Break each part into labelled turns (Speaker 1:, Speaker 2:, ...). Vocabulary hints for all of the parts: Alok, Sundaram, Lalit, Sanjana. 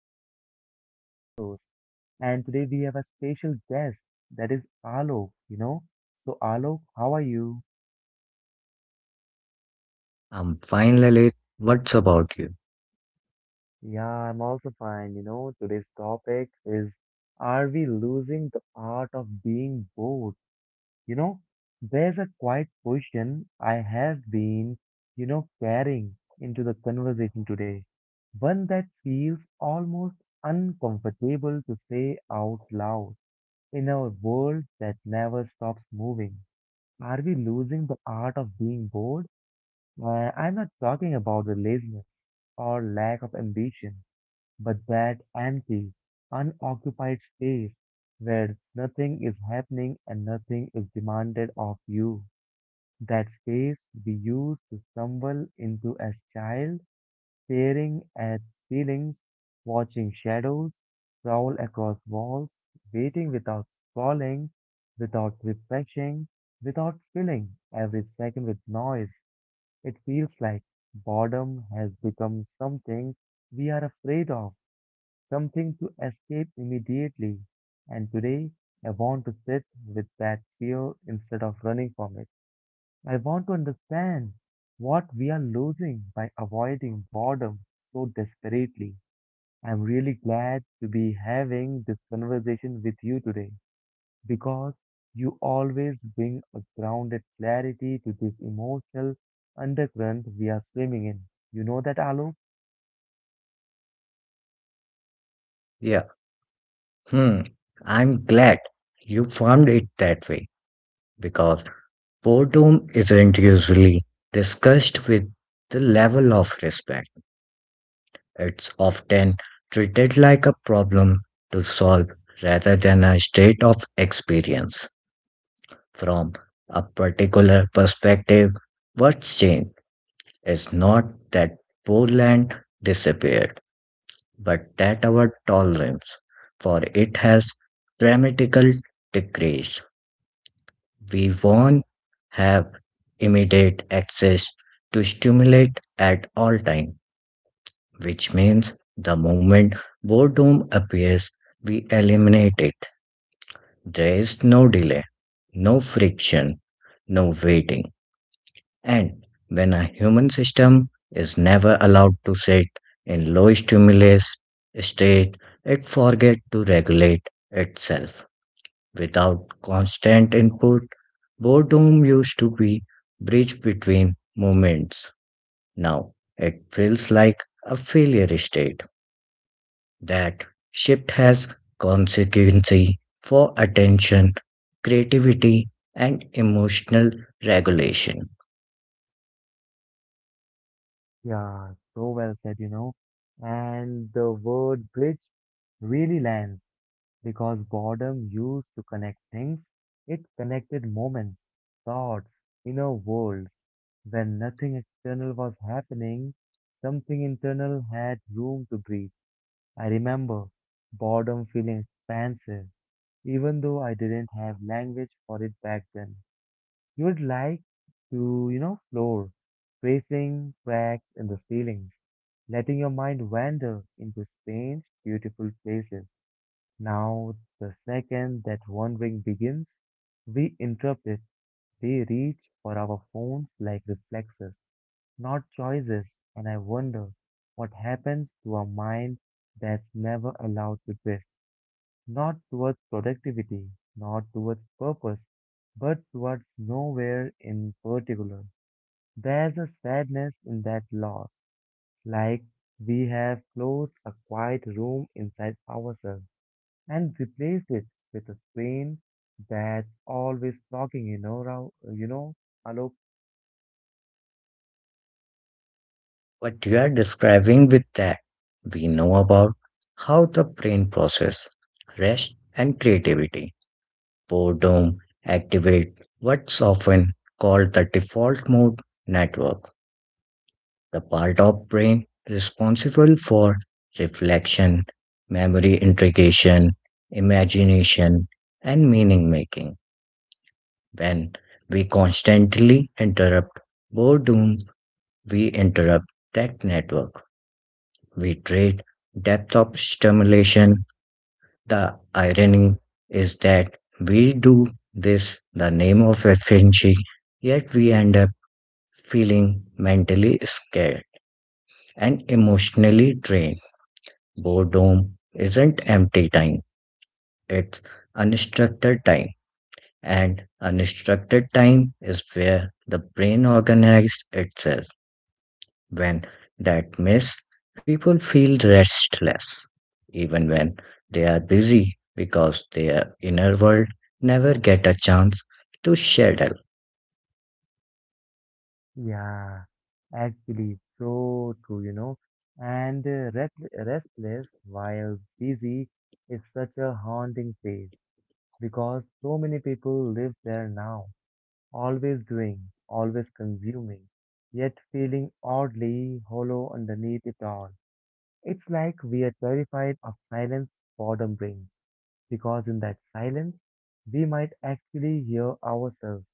Speaker 1: Lalit, your lovely host, and today we have a special guest that is Alok. So Alok, how are you?
Speaker 2: I'm fine, Lalit. What's about you?
Speaker 1: Yeah, I'm also fine. Today's topic is are we losing the art of being bored? You know, there's a quiet question I have been carrying into the conversation today, one that feels almost uncomfortable to say out loud. In a world that never stops moving, are we losing the art of being bored? I'm not talking about the laziness or lack of ambition, but that empty, unoccupied space where nothing is happening and nothing is demanded of you. That space we used to stumble into as child staring at ceilings, watching shadows crawl across walls, waiting without scrolling, without refreshing, without filling every second with noise. It feels like boredom has become something we are afraid of, something to escape immediately. And today, I want to sit with that fear instead of running from it. I want to understand what we are losing by avoiding boredom so desperately. I'm really glad to be having this conversation with you today because you always bring a grounded clarity to this emotional undercurrent we are swimming in. You know that, Alok?
Speaker 2: Yeah, hmm. I'm glad you found it that way because boredom isn't usually discussed with the level of respect. It's often treated like a problem to solve rather than a state of experience. From a particular perspective, what's changed is not that Poland disappeared but that our tolerance for it has dramatically decreased. We won't have immediate access to stimulate at all time, which means the moment boredom appears, we eliminate it. There is no delay, no friction, no waiting. And when a human system is never allowed to sit in low stimulus state, it forgets to regulate itself. Without constant input, boredom used to be bridge between moments. Now it feels like a failure state. That shift has consequences for attention, creativity, and emotional regulation.
Speaker 1: Yeah, so well said. And the word bridge really lands because boredom used to connect things, it connected moments, thoughts, inner worlds. When nothing external was happening, something internal had room to breathe. I remember boredom feeling expansive, even though I didn't have language for it back then. You would like to floor, tracing cracks in the ceilings, letting your mind wander into strange, beautiful places. Now, the second that wandering begins, we interrupt it. We reach for our phones like reflexes, not choices, and I wonder what happens to a mind that's never allowed to drift not towards productivity, not towards purpose, but towards nowhere in particular. There's a sadness in that loss, like we have closed a quiet room inside ourselves and replaced it with a screen that's always talking, Rao, Alok?
Speaker 2: What you are describing with that, we know about how the brain process rest and creativity. Boredom activate what's often called the default mode network, the part of brain responsible for reflection, memory integration, imagination, and meaning making. When we constantly interrupt boredom, we interrupt that network. We trade depth of stimulation. The irony is that we do this the name of efficiency, yet we end up feeling mentally scared and emotionally drained. Boredom isn't empty time, it's unstructured time. And unstructured time is where the brain organizes itself. When that miss, people feel restless, even when they are busy because their inner world never get a chance to settle.
Speaker 1: Yeah, actually, so true. And restless while busy is such a haunting phase because so many people live there now, always doing, always consuming, yet feeling oddly hollow underneath it all. It's like we are terrified of silence boredom brings, because in that silence, we might actually hear ourselves,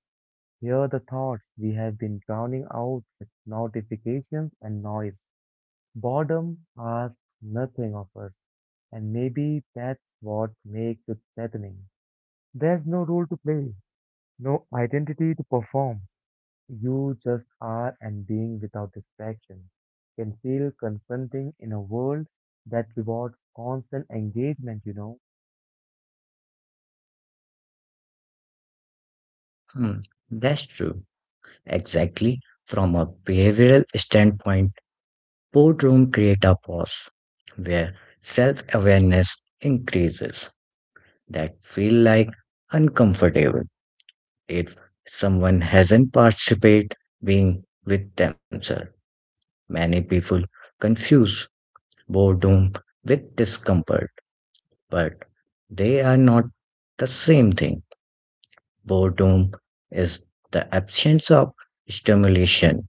Speaker 1: hear the thoughts we have been drowning out with notifications and noise. Boredom asks nothing of us, and maybe that's what makes it threatening. There's no role to play, no identity to perform. You just are and being without distraction can feel confronting in a world that rewards constant engagement.
Speaker 2: Hmm, that's true. Exactly. From a behavioral standpoint, boredom create a pause where self-awareness increases that feel like uncomfortable if someone hasn't participated being with themselves. Many people confuse boredom with discomfort, but they are not the same thing. Boredom is the absence of stimulation.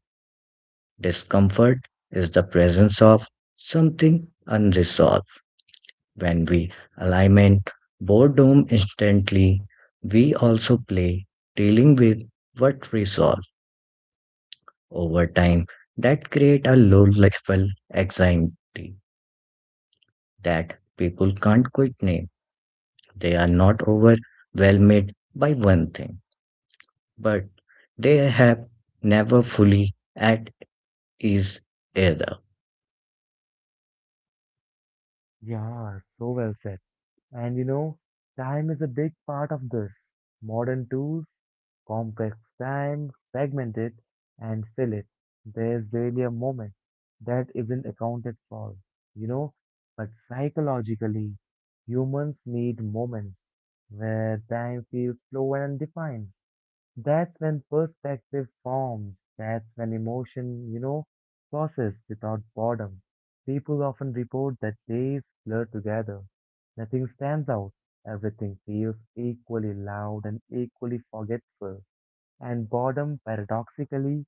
Speaker 2: Discomfort is the presence of something unresolved. When we alignment boredom instantly, we also play dealing with what resolve over time that create a low level anxiety that people can't quite name. They are not overwhelmed by one thing, but they have never fully at ease either.
Speaker 1: Yeah, so well said. And you know, time is a big part of this. Modern tools, complex time, fragment it and fill it. There's barely a moment that isn't accounted for, you know. But psychologically, humans need moments where time feels slow and undefined. That's when perspective forms. That's when emotion process without boredom. People often report that days blur together. Nothing stands out. Everything feels equally loud and equally forgetful. And boredom paradoxically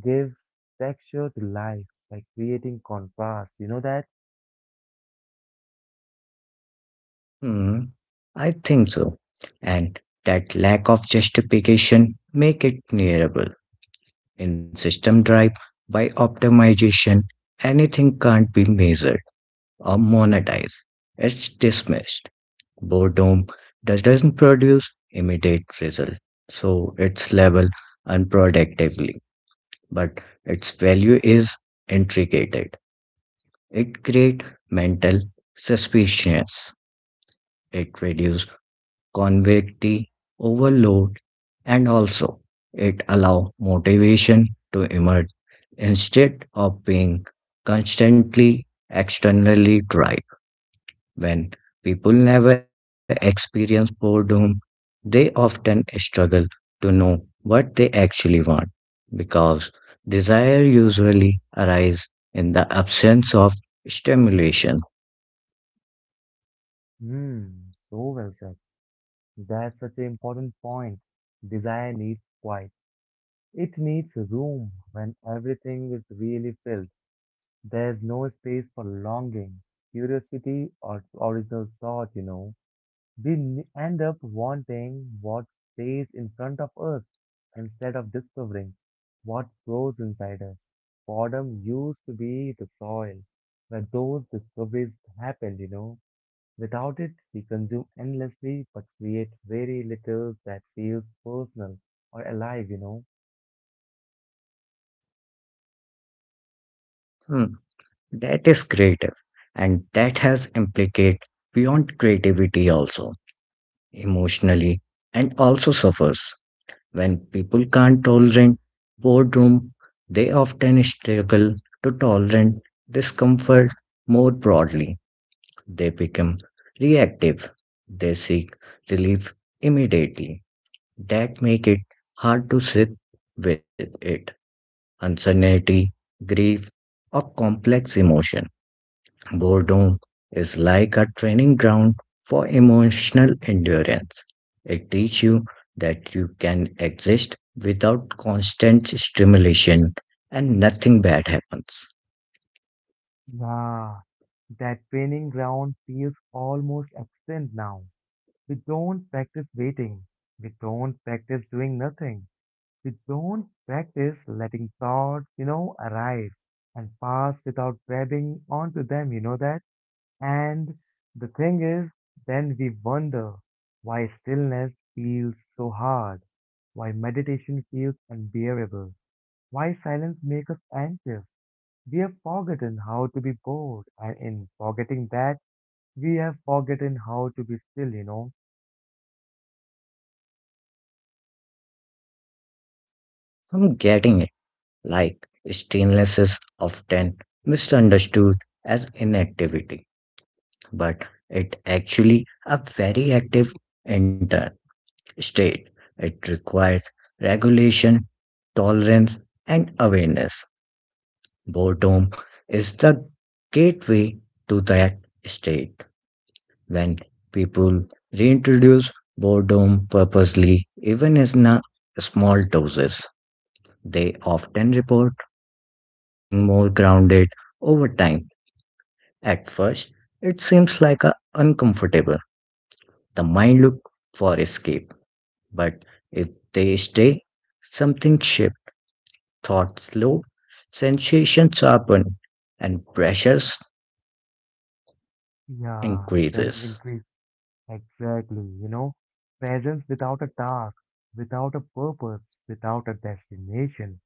Speaker 1: gives texture to life by creating contrast. You know that?
Speaker 2: Hmm, I think so. And that lack of justification make it nearable. In system drive, by optimization, anything can't be measured or monetized. It's dismissed. Boredom doesn't produce immediate result, so its level unproductively. But its value is intricated. It create mental suspicions. It reduce convective overload and also it allow motivation to emerge instead of being constantly externally drive when people never experience boredom they often struggle to know what they actually want because desire usually arise in the absence of stimulation.
Speaker 1: Hmm, so well said. That's such an important point. Desire needs quiet. It needs room when everything is really filled. There's no space for longing, curiosity, or original thought. We end up wanting what stays in front of us instead of discovering what grows inside us. Boredom used to be the soil where those discoveries happened. Without it, we consume endlessly but create very little that feels personal or alive.
Speaker 2: Hmm, that is creative and that has implicate beyond creativity also emotionally and also suffers when people can't tolerate boredom they often struggle to tolerate discomfort more broadly. They become reactive, they seek relief immediately that make it hard to sit with it uncertainty, grief, or complex emotion. Boredom is like a training ground for emotional endurance. It teaches you that you can exist without constant stimulation and nothing bad happens.
Speaker 1: Yeah, that training ground feels almost absent now. We don't practice waiting. We don't practice doing nothing. We don't practice letting thoughts arrive and pass without grabbing onto them, you know that? And the thing is, then we wonder why stillness feels so hard, why meditation feels unbearable, why silence makes us anxious. We have forgotten how to be bored, and in forgetting that, we have forgotten how to be still.
Speaker 2: I'm getting it. Like stillness is often misunderstood as inactivity, but it actually a very active inter state. It requires regulation, tolerance, and awareness. Boredom is the gateway to that state. When people reintroduce boredom purposely, even in a small doses, they often report feeling more grounded over time. At first, it seems like a uncomfortable. The mind look for escape, but if they stay, something shifts. Thoughts slow, sensations sharpen, and pressures
Speaker 1: Yeah, presence
Speaker 2: increases.
Speaker 1: increase. Exactly. Presence without a task, without a purpose, without a destination.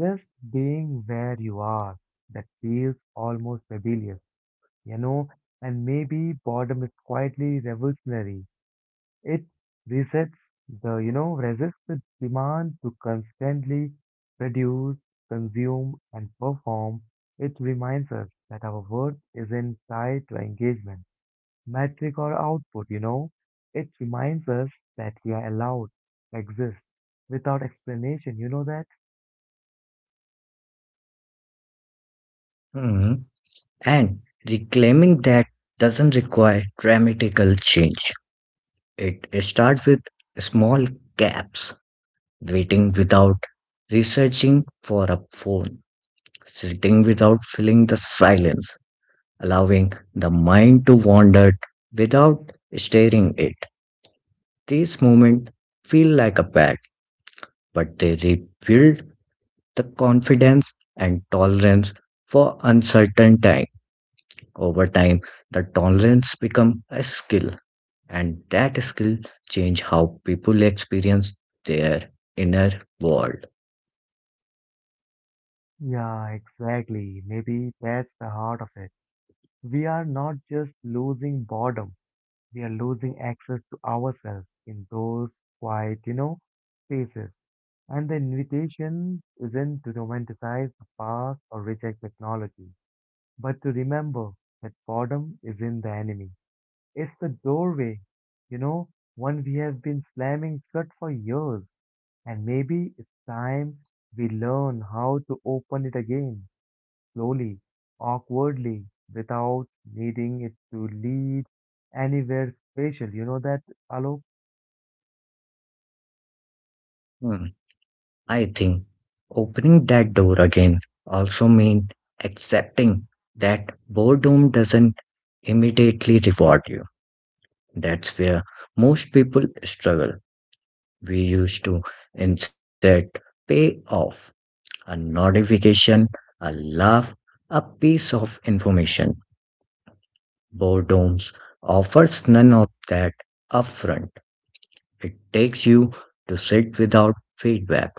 Speaker 1: Just being where you are. That feels almost rebellious, you know. And maybe boredom is quietly revolutionary. It resets the, you know, resists the demand to constantly produce, consume, and perform. It reminds us that our worth isn't tied to engagement, metric, or output. It reminds us that we are allowed to exist without explanation, you know that?
Speaker 2: Mhm. And reclaiming that doesn't require dramatical change. It starts with small gaps, waiting without researching for a phone, sitting without filling the silence, allowing the mind to wander without steering it. These moments feel like a pact, but they rebuild the confidence and tolerance for uncertain times. Over time, the tolerance become a skill, and that skill change how people experience their inner world.
Speaker 1: Yeah, exactly. Maybe that's the heart of it. We are not just losing boredom, we are losing access to ourselves in those quiet spaces. And the invitation isn't to romanticize the past or reject technology, but to remember that boredom isn't the enemy. It's the doorway, you know, one we have been slamming shut for years. And maybe it's time we learn how to open it again slowly, awkwardly, without needing it to lead anywhere special. You know that, Alok?
Speaker 2: Hmm, I think opening that door again also means accepting that boredom doesn't immediately reward you. That's where most people struggle. We used to insert payoff, a notification, a laugh, a piece of information. Boredoms offers none of that upfront. It takes you to sit without feedback.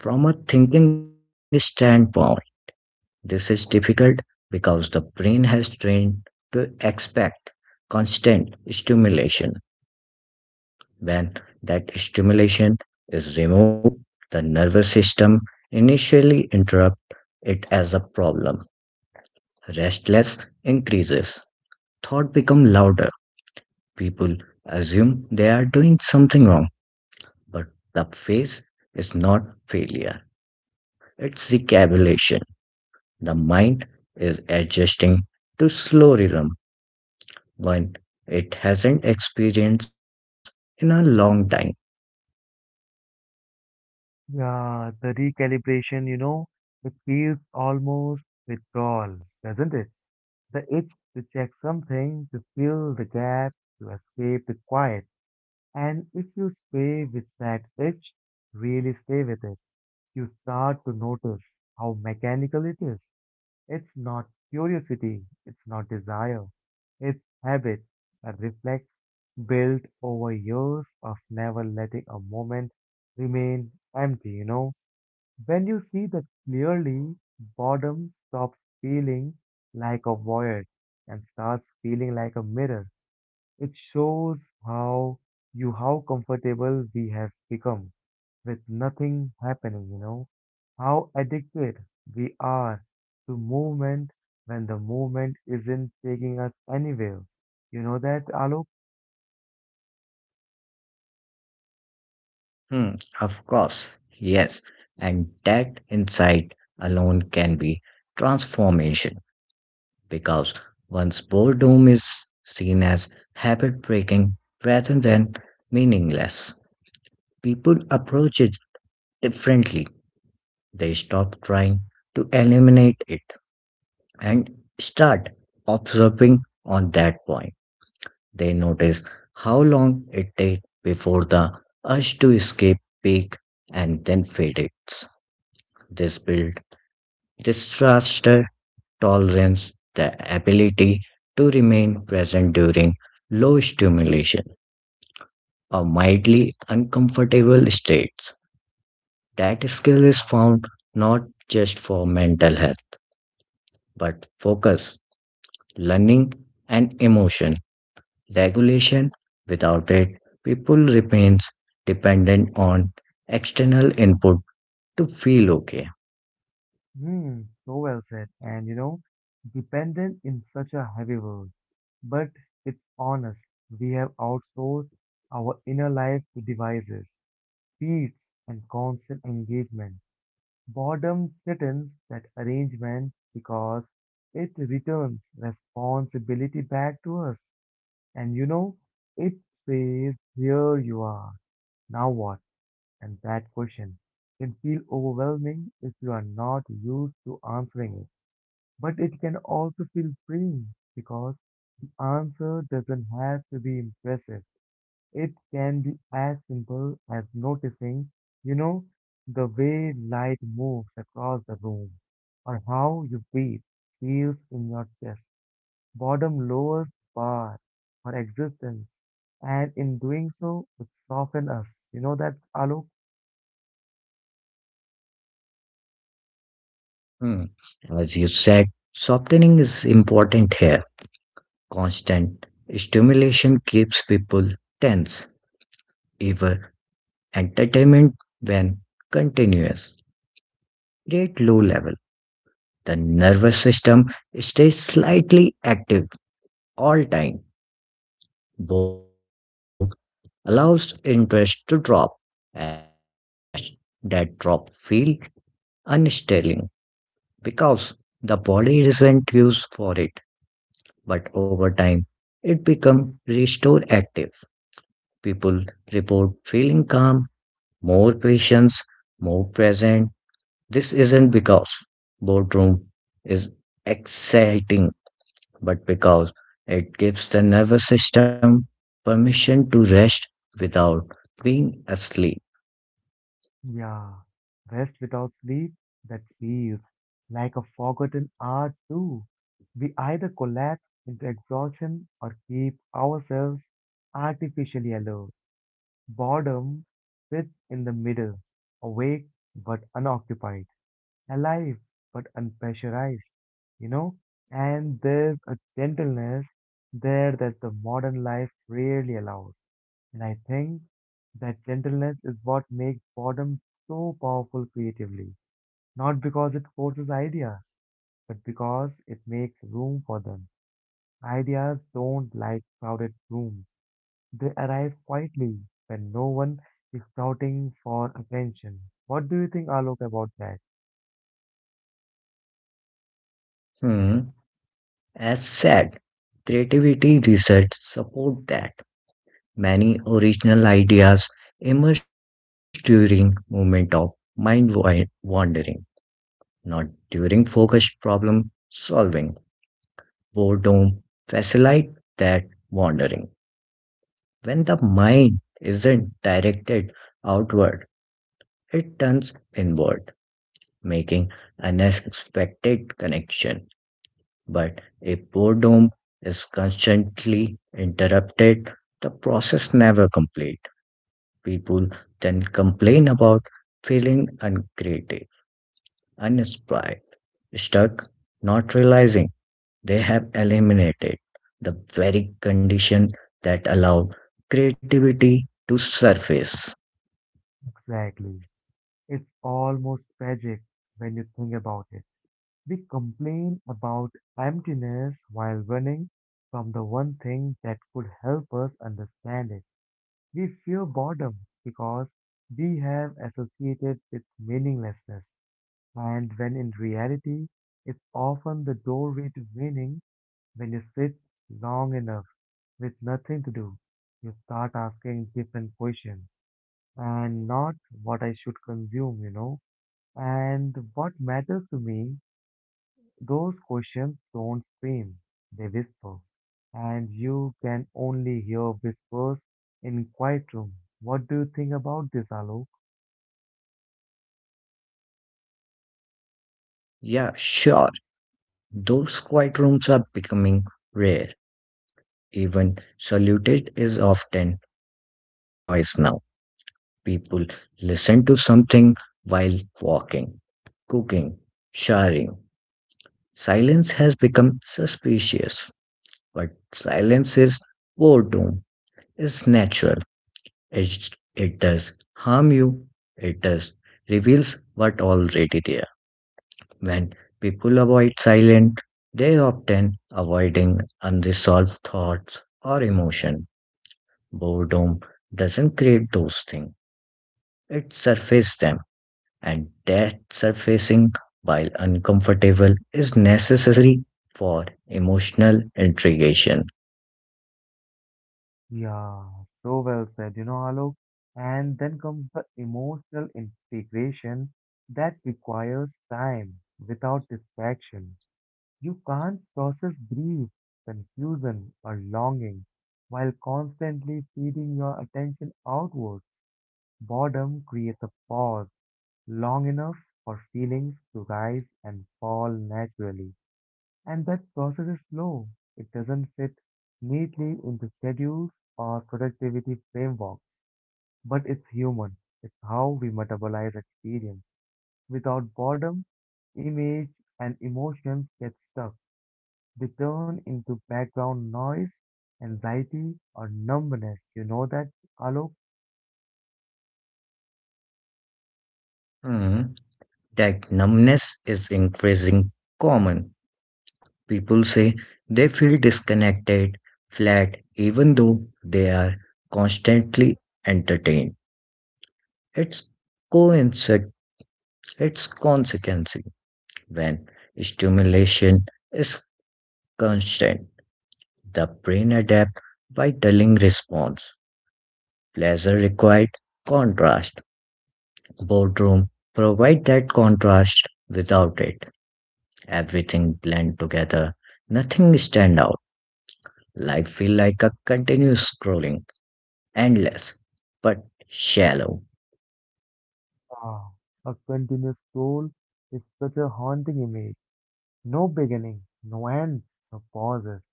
Speaker 2: From a thinking standpoint, this is difficult because the brain has trained to expect constant stimulation. When that stimulation is removed, the nervous system initially interrupts it as a problem. Restlessness increases. Thought become louder. People assume they are doing something wrong, but the phase is not failure, it's recalibration. The mind is adjusting to slow rhythm when it hasn't experienced in a long time.
Speaker 1: Yeah, the recalibration, it feels almost withdrawal, doesn't it? The itch to check something, to fill the gap, to escape the quiet. And if you stay with that itch, really stay with it, you start to notice how mechanical it is. It's not curiosity, it's not desire, it's habit, a reflex built over years of never letting a moment remain empty. When you see that clearly, boredom stops feeling like a void and starts feeling like a mirror. It shows how how comfortable we have become with nothing happening. How addicted we are to movement when the movement isn't taking us anywhere. You know that, Alok?
Speaker 2: Hmm, of course, yes, and that insight alone can be transformation because once boredom is seen as habit breaking rather than meaningless, people approach it differently. They stop trying to eliminate it and start observing on that point. They notice how long it takes before the urge to escape peak and then fades. This builds disaster tolerance, the ability to remain present during low stimulation or mildly uncomfortable states. That skill is
Speaker 1: Yeah.
Speaker 2: found not just for mental health, but focus, learning, and emotion regulation. Without it, people remains dependent on external input to feel okay.
Speaker 1: Hmm, so well said. Dependent in such a heavy world. But it's honest. We have outsourced our inner life to devices, feeds, and constant engagement. Boredom threatens that arrangement because it returns responsibility back to us. And you know, it says, "Here you are, now what?" And that question can feel overwhelming if you are not used to answering it. But it can also feel freeing because the answer doesn't have to be impressive. It can be as simple as noticing, you know, the way light moves across the room or how you breathe feels in your chest. Boredom lowers bar for existence, and in doing so, it softens us. You know that, Alok?
Speaker 2: Hmm. As you said, softening is important here. Constant stimulation keeps people tense, even entertainment when continuous. Rate low level. The nervous system stays slightly active all time. Boredom allows interest to drop. At first, that drop feels unsettling because the body isn't used for it, but over time, it becomes restore active. People report feeling calm, more patience, more present. This isn't because boardroom is exciting, but because it gives the nervous system permission to rest without being asleep.
Speaker 1: Yeah. Rest without sleep, that feels like a forgotten art too. We either collapse into exhaustion or keep ourselves artificially alert. Boredom sits in the middle, awake but unoccupied, alive but unpressurized, you know? And there's a gentleness there that the modern life rarely allows. And I think that gentleness is what makes boredom so powerful creatively. Not because it forces ideas, but because it makes room for them. Ideas don't like crowded rooms. They arrive quietly when no one is shouting for attention. What do you think, Alok, about that?
Speaker 2: Hmm. As said, creativity research support that many original ideas emerge during moment of wandering, not during focused problem solving. Boredom facilitate that wandering. When the mind isn't directed outward, it turns inward, making an unexpected connection, but if boredom is constantly interrupted, the process never complete. People then complain about feeling uncreative, uninspired, stuck, not realizing they have eliminated the very condition that allowed creativity to surface.
Speaker 1: Exactly. It's almost tragic when you think about it. We complain about emptiness while running from the one thing that could help us understand it. We fear boredom because we have associated with meaninglessness. And when in reality, it's often the doorway to meaning when you sit long enough with nothing to do, you start asking different questions and not what I should consume. And what matters to me, those questions don't scream, they whisper. And you can only hear whispers in quiet room. What do you think about this, Alok?
Speaker 2: Yeah, sure, those quiet rooms are becoming rare. Even salutation is often filled with noise now. People listen to something while walking, cooking, showering. Silence has become suspicious, but silence is boredom. It's natural. It, it does harm you. It does reveals what already there. When people avoid silence, they often avoiding unresolved thoughts or emotion. Boredom doesn't create those things, it surfaces them, and that surfacing, while uncomfortable, is necessary for emotional integration.
Speaker 1: Yeah, so well said, Alok. And then comes the emotional integration that requires time without distraction. You can't process grief, confusion, or longing while constantly feeding your attention outwards. Boredom creates a pause long enough for feelings to rise and fall naturally. And that process is slow. It doesn't fit neatly into schedules or productivity frameworks. But it's human. It's how we metabolize experience. Without boredom, image and emotions get stuck, they turn into background noise, anxiety, or numbness. You know that, Alok?
Speaker 2: Hmm, that numbness is increasing common. People say they feel disconnected, flat, even though they are constantly entertained. It's coincidence. It's consequence when stimulation is constant. The brain adapts by dulling response. Pleasure required contrast. Boredom provide that contrast. Without it, everything blend together. Nothing stand out. Life feel like a continuous scrolling, endless but shallow.
Speaker 1: Ah, a continuous scroll is such a haunting image. No beginning, no end, no pauses.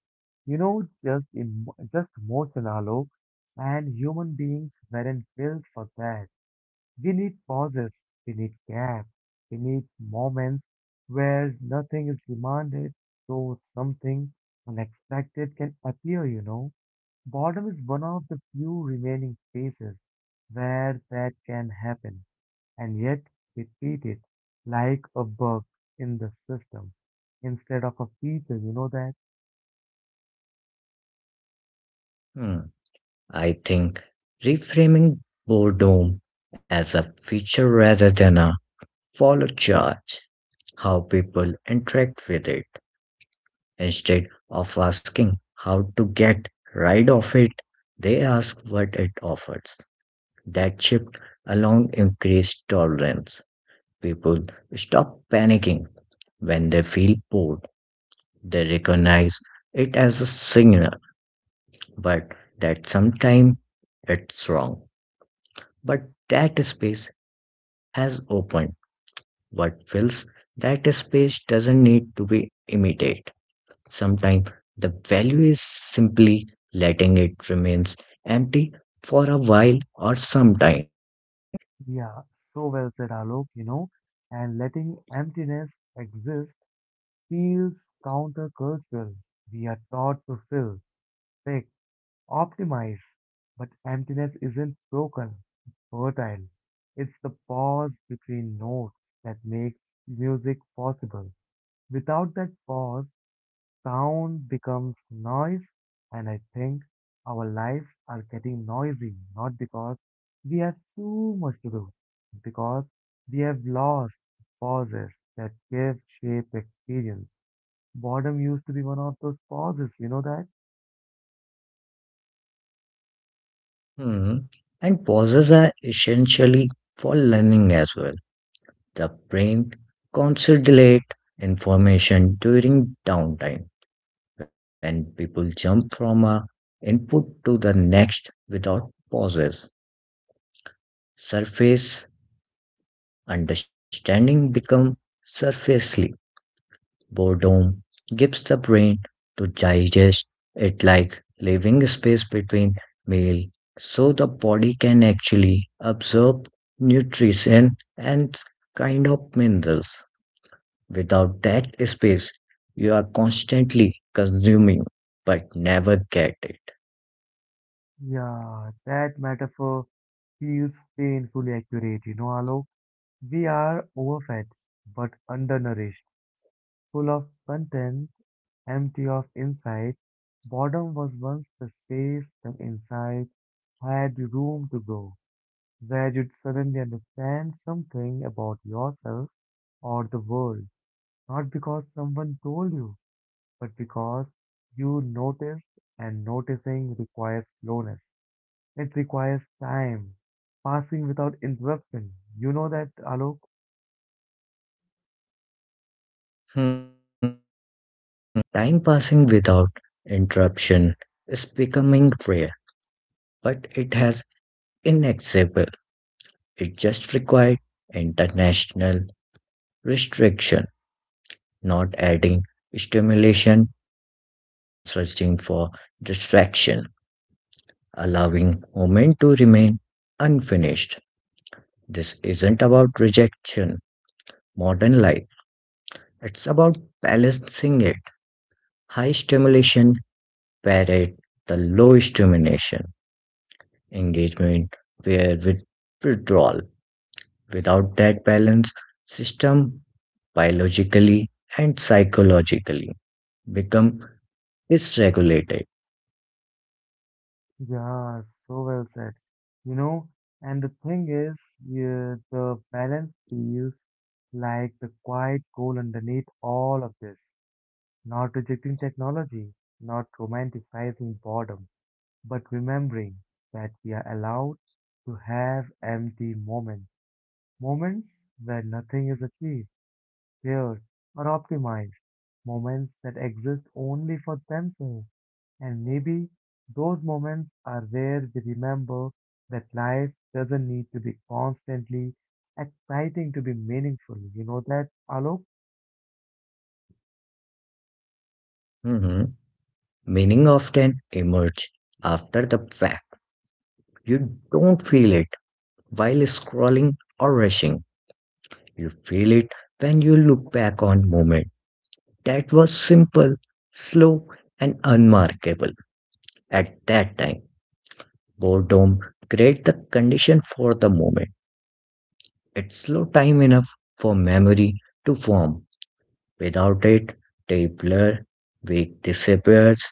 Speaker 1: Just motion Alok. And human beings weren't built for that. We need pauses, we need gaps, we need moments where nothing is demanded, so something unexpected can appear. Boredom is one of the few remaining spaces where that can happen, and yet we treat it like a bug in the system instead of a feature. You know that?
Speaker 2: Hmm. I think reframing boredom as a feature rather than a follow charge, how people interact with it. Instead of asking how to get rid of it, they ask what it offers. That shift along increased tolerance. People stop panicking when they feel bored. They recognize it as a signal, but that sometimes it's wrong. But that space has opened. What fills that space doesn't need to be imitated. Sometimes the value is simply letting it remains empty for a while or some time.
Speaker 1: Yeah, so well said, Alok, and letting emptiness exist feels countercultural. We are taught to fill, fix, optimize. But emptiness isn't broken, it's fertile. It's the pause between notes that makes music possible. Without that pause, sound becomes noise, and I think our lives are getting noisy not because we have too much to do, because we have lost pauses that give shape experience. Boredom used to be one of those pauses, you know that?
Speaker 2: Hmm. And pauses are essentially for learning as well. The brain consolidates information during downtime when people jump from a input to the next without pauses. Surface understanding become surfacely. Boredom gives the brain to digest it like leaving space between meal so the body can actually absorb nutrition and kind of minerals. Without that space, you are constantly consuming but never get it.
Speaker 1: Yeah, that metaphor feels painfully accurate, Alok. We are overfed but undernourished, full of content, empty of insight. Boredom was once the space the inside had room to grow, where you'd suddenly understand something about yourself or the world, not because someone told you, but because you noticed, and noticing requires slowness. It requires time, passing without interruption. You know that, Alok?
Speaker 2: Hmm. Time passing without interruption is becoming rare, but it has inaccessible. It just required international restriction, not adding stimulation, not searching for distraction, allowing moment to remain unfinished. This isn't about rejection, modern life. It's about balancing it. High stimulation parrot the low stimulation engagement paired with withdrawal. Without that balance, system biologically and psychologically become dysregulated.
Speaker 1: Yeah, so well said. You know, and the thing is, yeah, the balance feels like the quiet goal underneath all of this. Not rejecting technology, not romanticizing boredom, but remembering that we are allowed to have empty moments, moments where nothing is achieved pair, or optimized moments that exist only for themselves. And maybe those moments are where we remember that life doesn't need to be constantly exciting to be meaningful. You know that, Alok?
Speaker 2: Mhm. Meaning often emerge after the fact. You don't feel it while scrolling or rushing. You feel it when you look back on moment that was simple, slow, and unmarkable. At that time, boredom create the condition for the moment. It's slow time enough for memory to form. Without it, day blur, week disappears,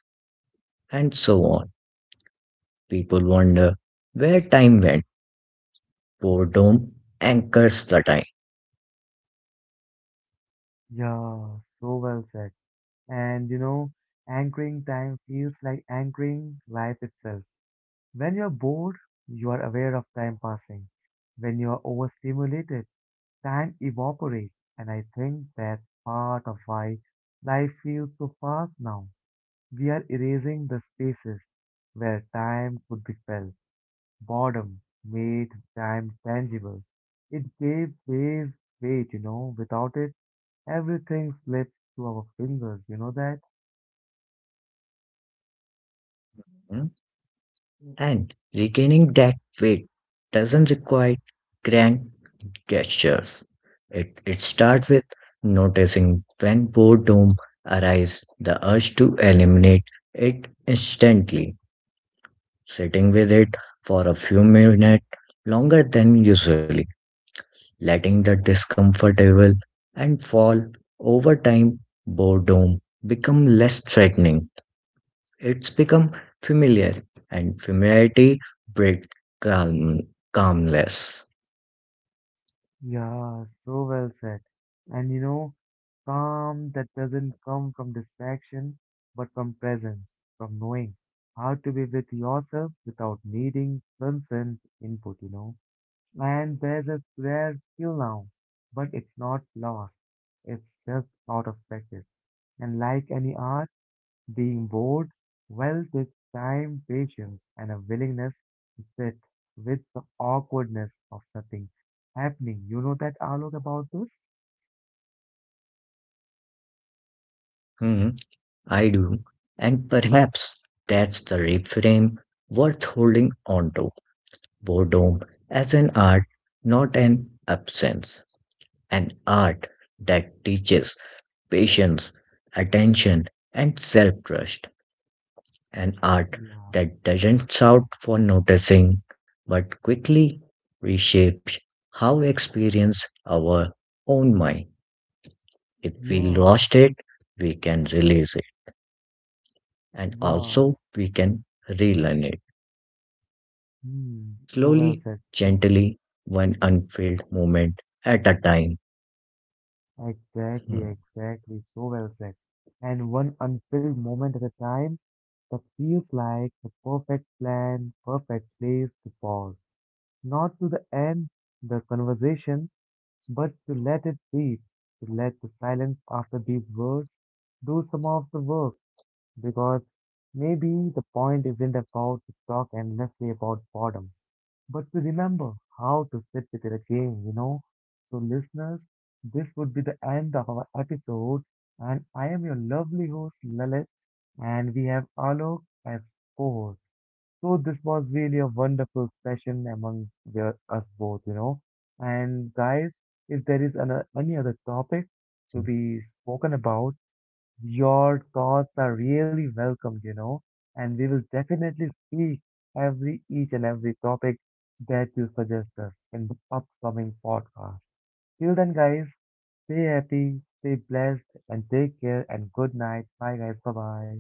Speaker 2: and so on. People wonder where time went. Boredom anchors the time,
Speaker 1: Yeah, so well said. And you know, anchoring time feels like anchoring life itself. When you're bored, you are aware of time passing. When you are overstimulated, time evaporates, and I think that's part of why life feels so fast now. We are erasing the spaces where time could be felt. Boredom made time tangible. It gave ways weight. Without it, everything slips to our fingers, you know that?
Speaker 2: hmm, and regaining that weight doesn't require grand gestures. It starts with noticing when boredom arises, the urge to eliminate it instantly, sitting with it for a few minutes longer than usually, letting the discomfortable and fall. Over time, boredom become less threatening. It's become familiar, and familiarity breeds calm, calmness.
Speaker 1: Yeah, so well said. And you know, Calm that doesn't come from distraction, but from presence, from knowing how to be with yourself without needing constant input. And there's a rare skill now, but it's not lost. It's just out of practice. And like any art, being bored, well, takes time, patience, and a willingness to sit with the awkwardness of nothing happening. You know that, Alok, about this?
Speaker 2: Hmm, I do. And perhaps that's the reframe worth holding on to. Boredom as an art, not an absence. An art that teaches patience, attention, and self trust. An art
Speaker 1: Yeah,
Speaker 2: that doesn't shout for noticing but quickly reshapes how we experience our own mind. If we
Speaker 1: yeah,
Speaker 2: lost it, we can release it and
Speaker 1: yeah.
Speaker 2: also we can relearn it
Speaker 1: Hmm, so well
Speaker 2: slowly,
Speaker 1: said. So
Speaker 2: gently, one unfilled moment at a time.
Speaker 1: exactly,
Speaker 2: Hmm.
Speaker 1: exactly, so well said. And one unfilled moment at a time that feels like the perfect plan, perfect place to pause. Not to the end the conversation, but to let it breathe, to let the silence after these words do some of the work. Because maybe the point isn't about to talk endlessly about boredom. But we remember how to sit with it again. So, listeners, this would be the end of our episode, and I am your lovely host, Lalit, and we have Alok as co-host. So, this was really a wonderful session among us both. And guys, if there is any other topic to be spoken about, your thoughts are really welcomed, and we will definitely speak every each and every topic that you suggest us in the upcoming podcast. Till then, guys, stay happy, stay blessed, and take care. And good night. Bye, guys. Bye bye.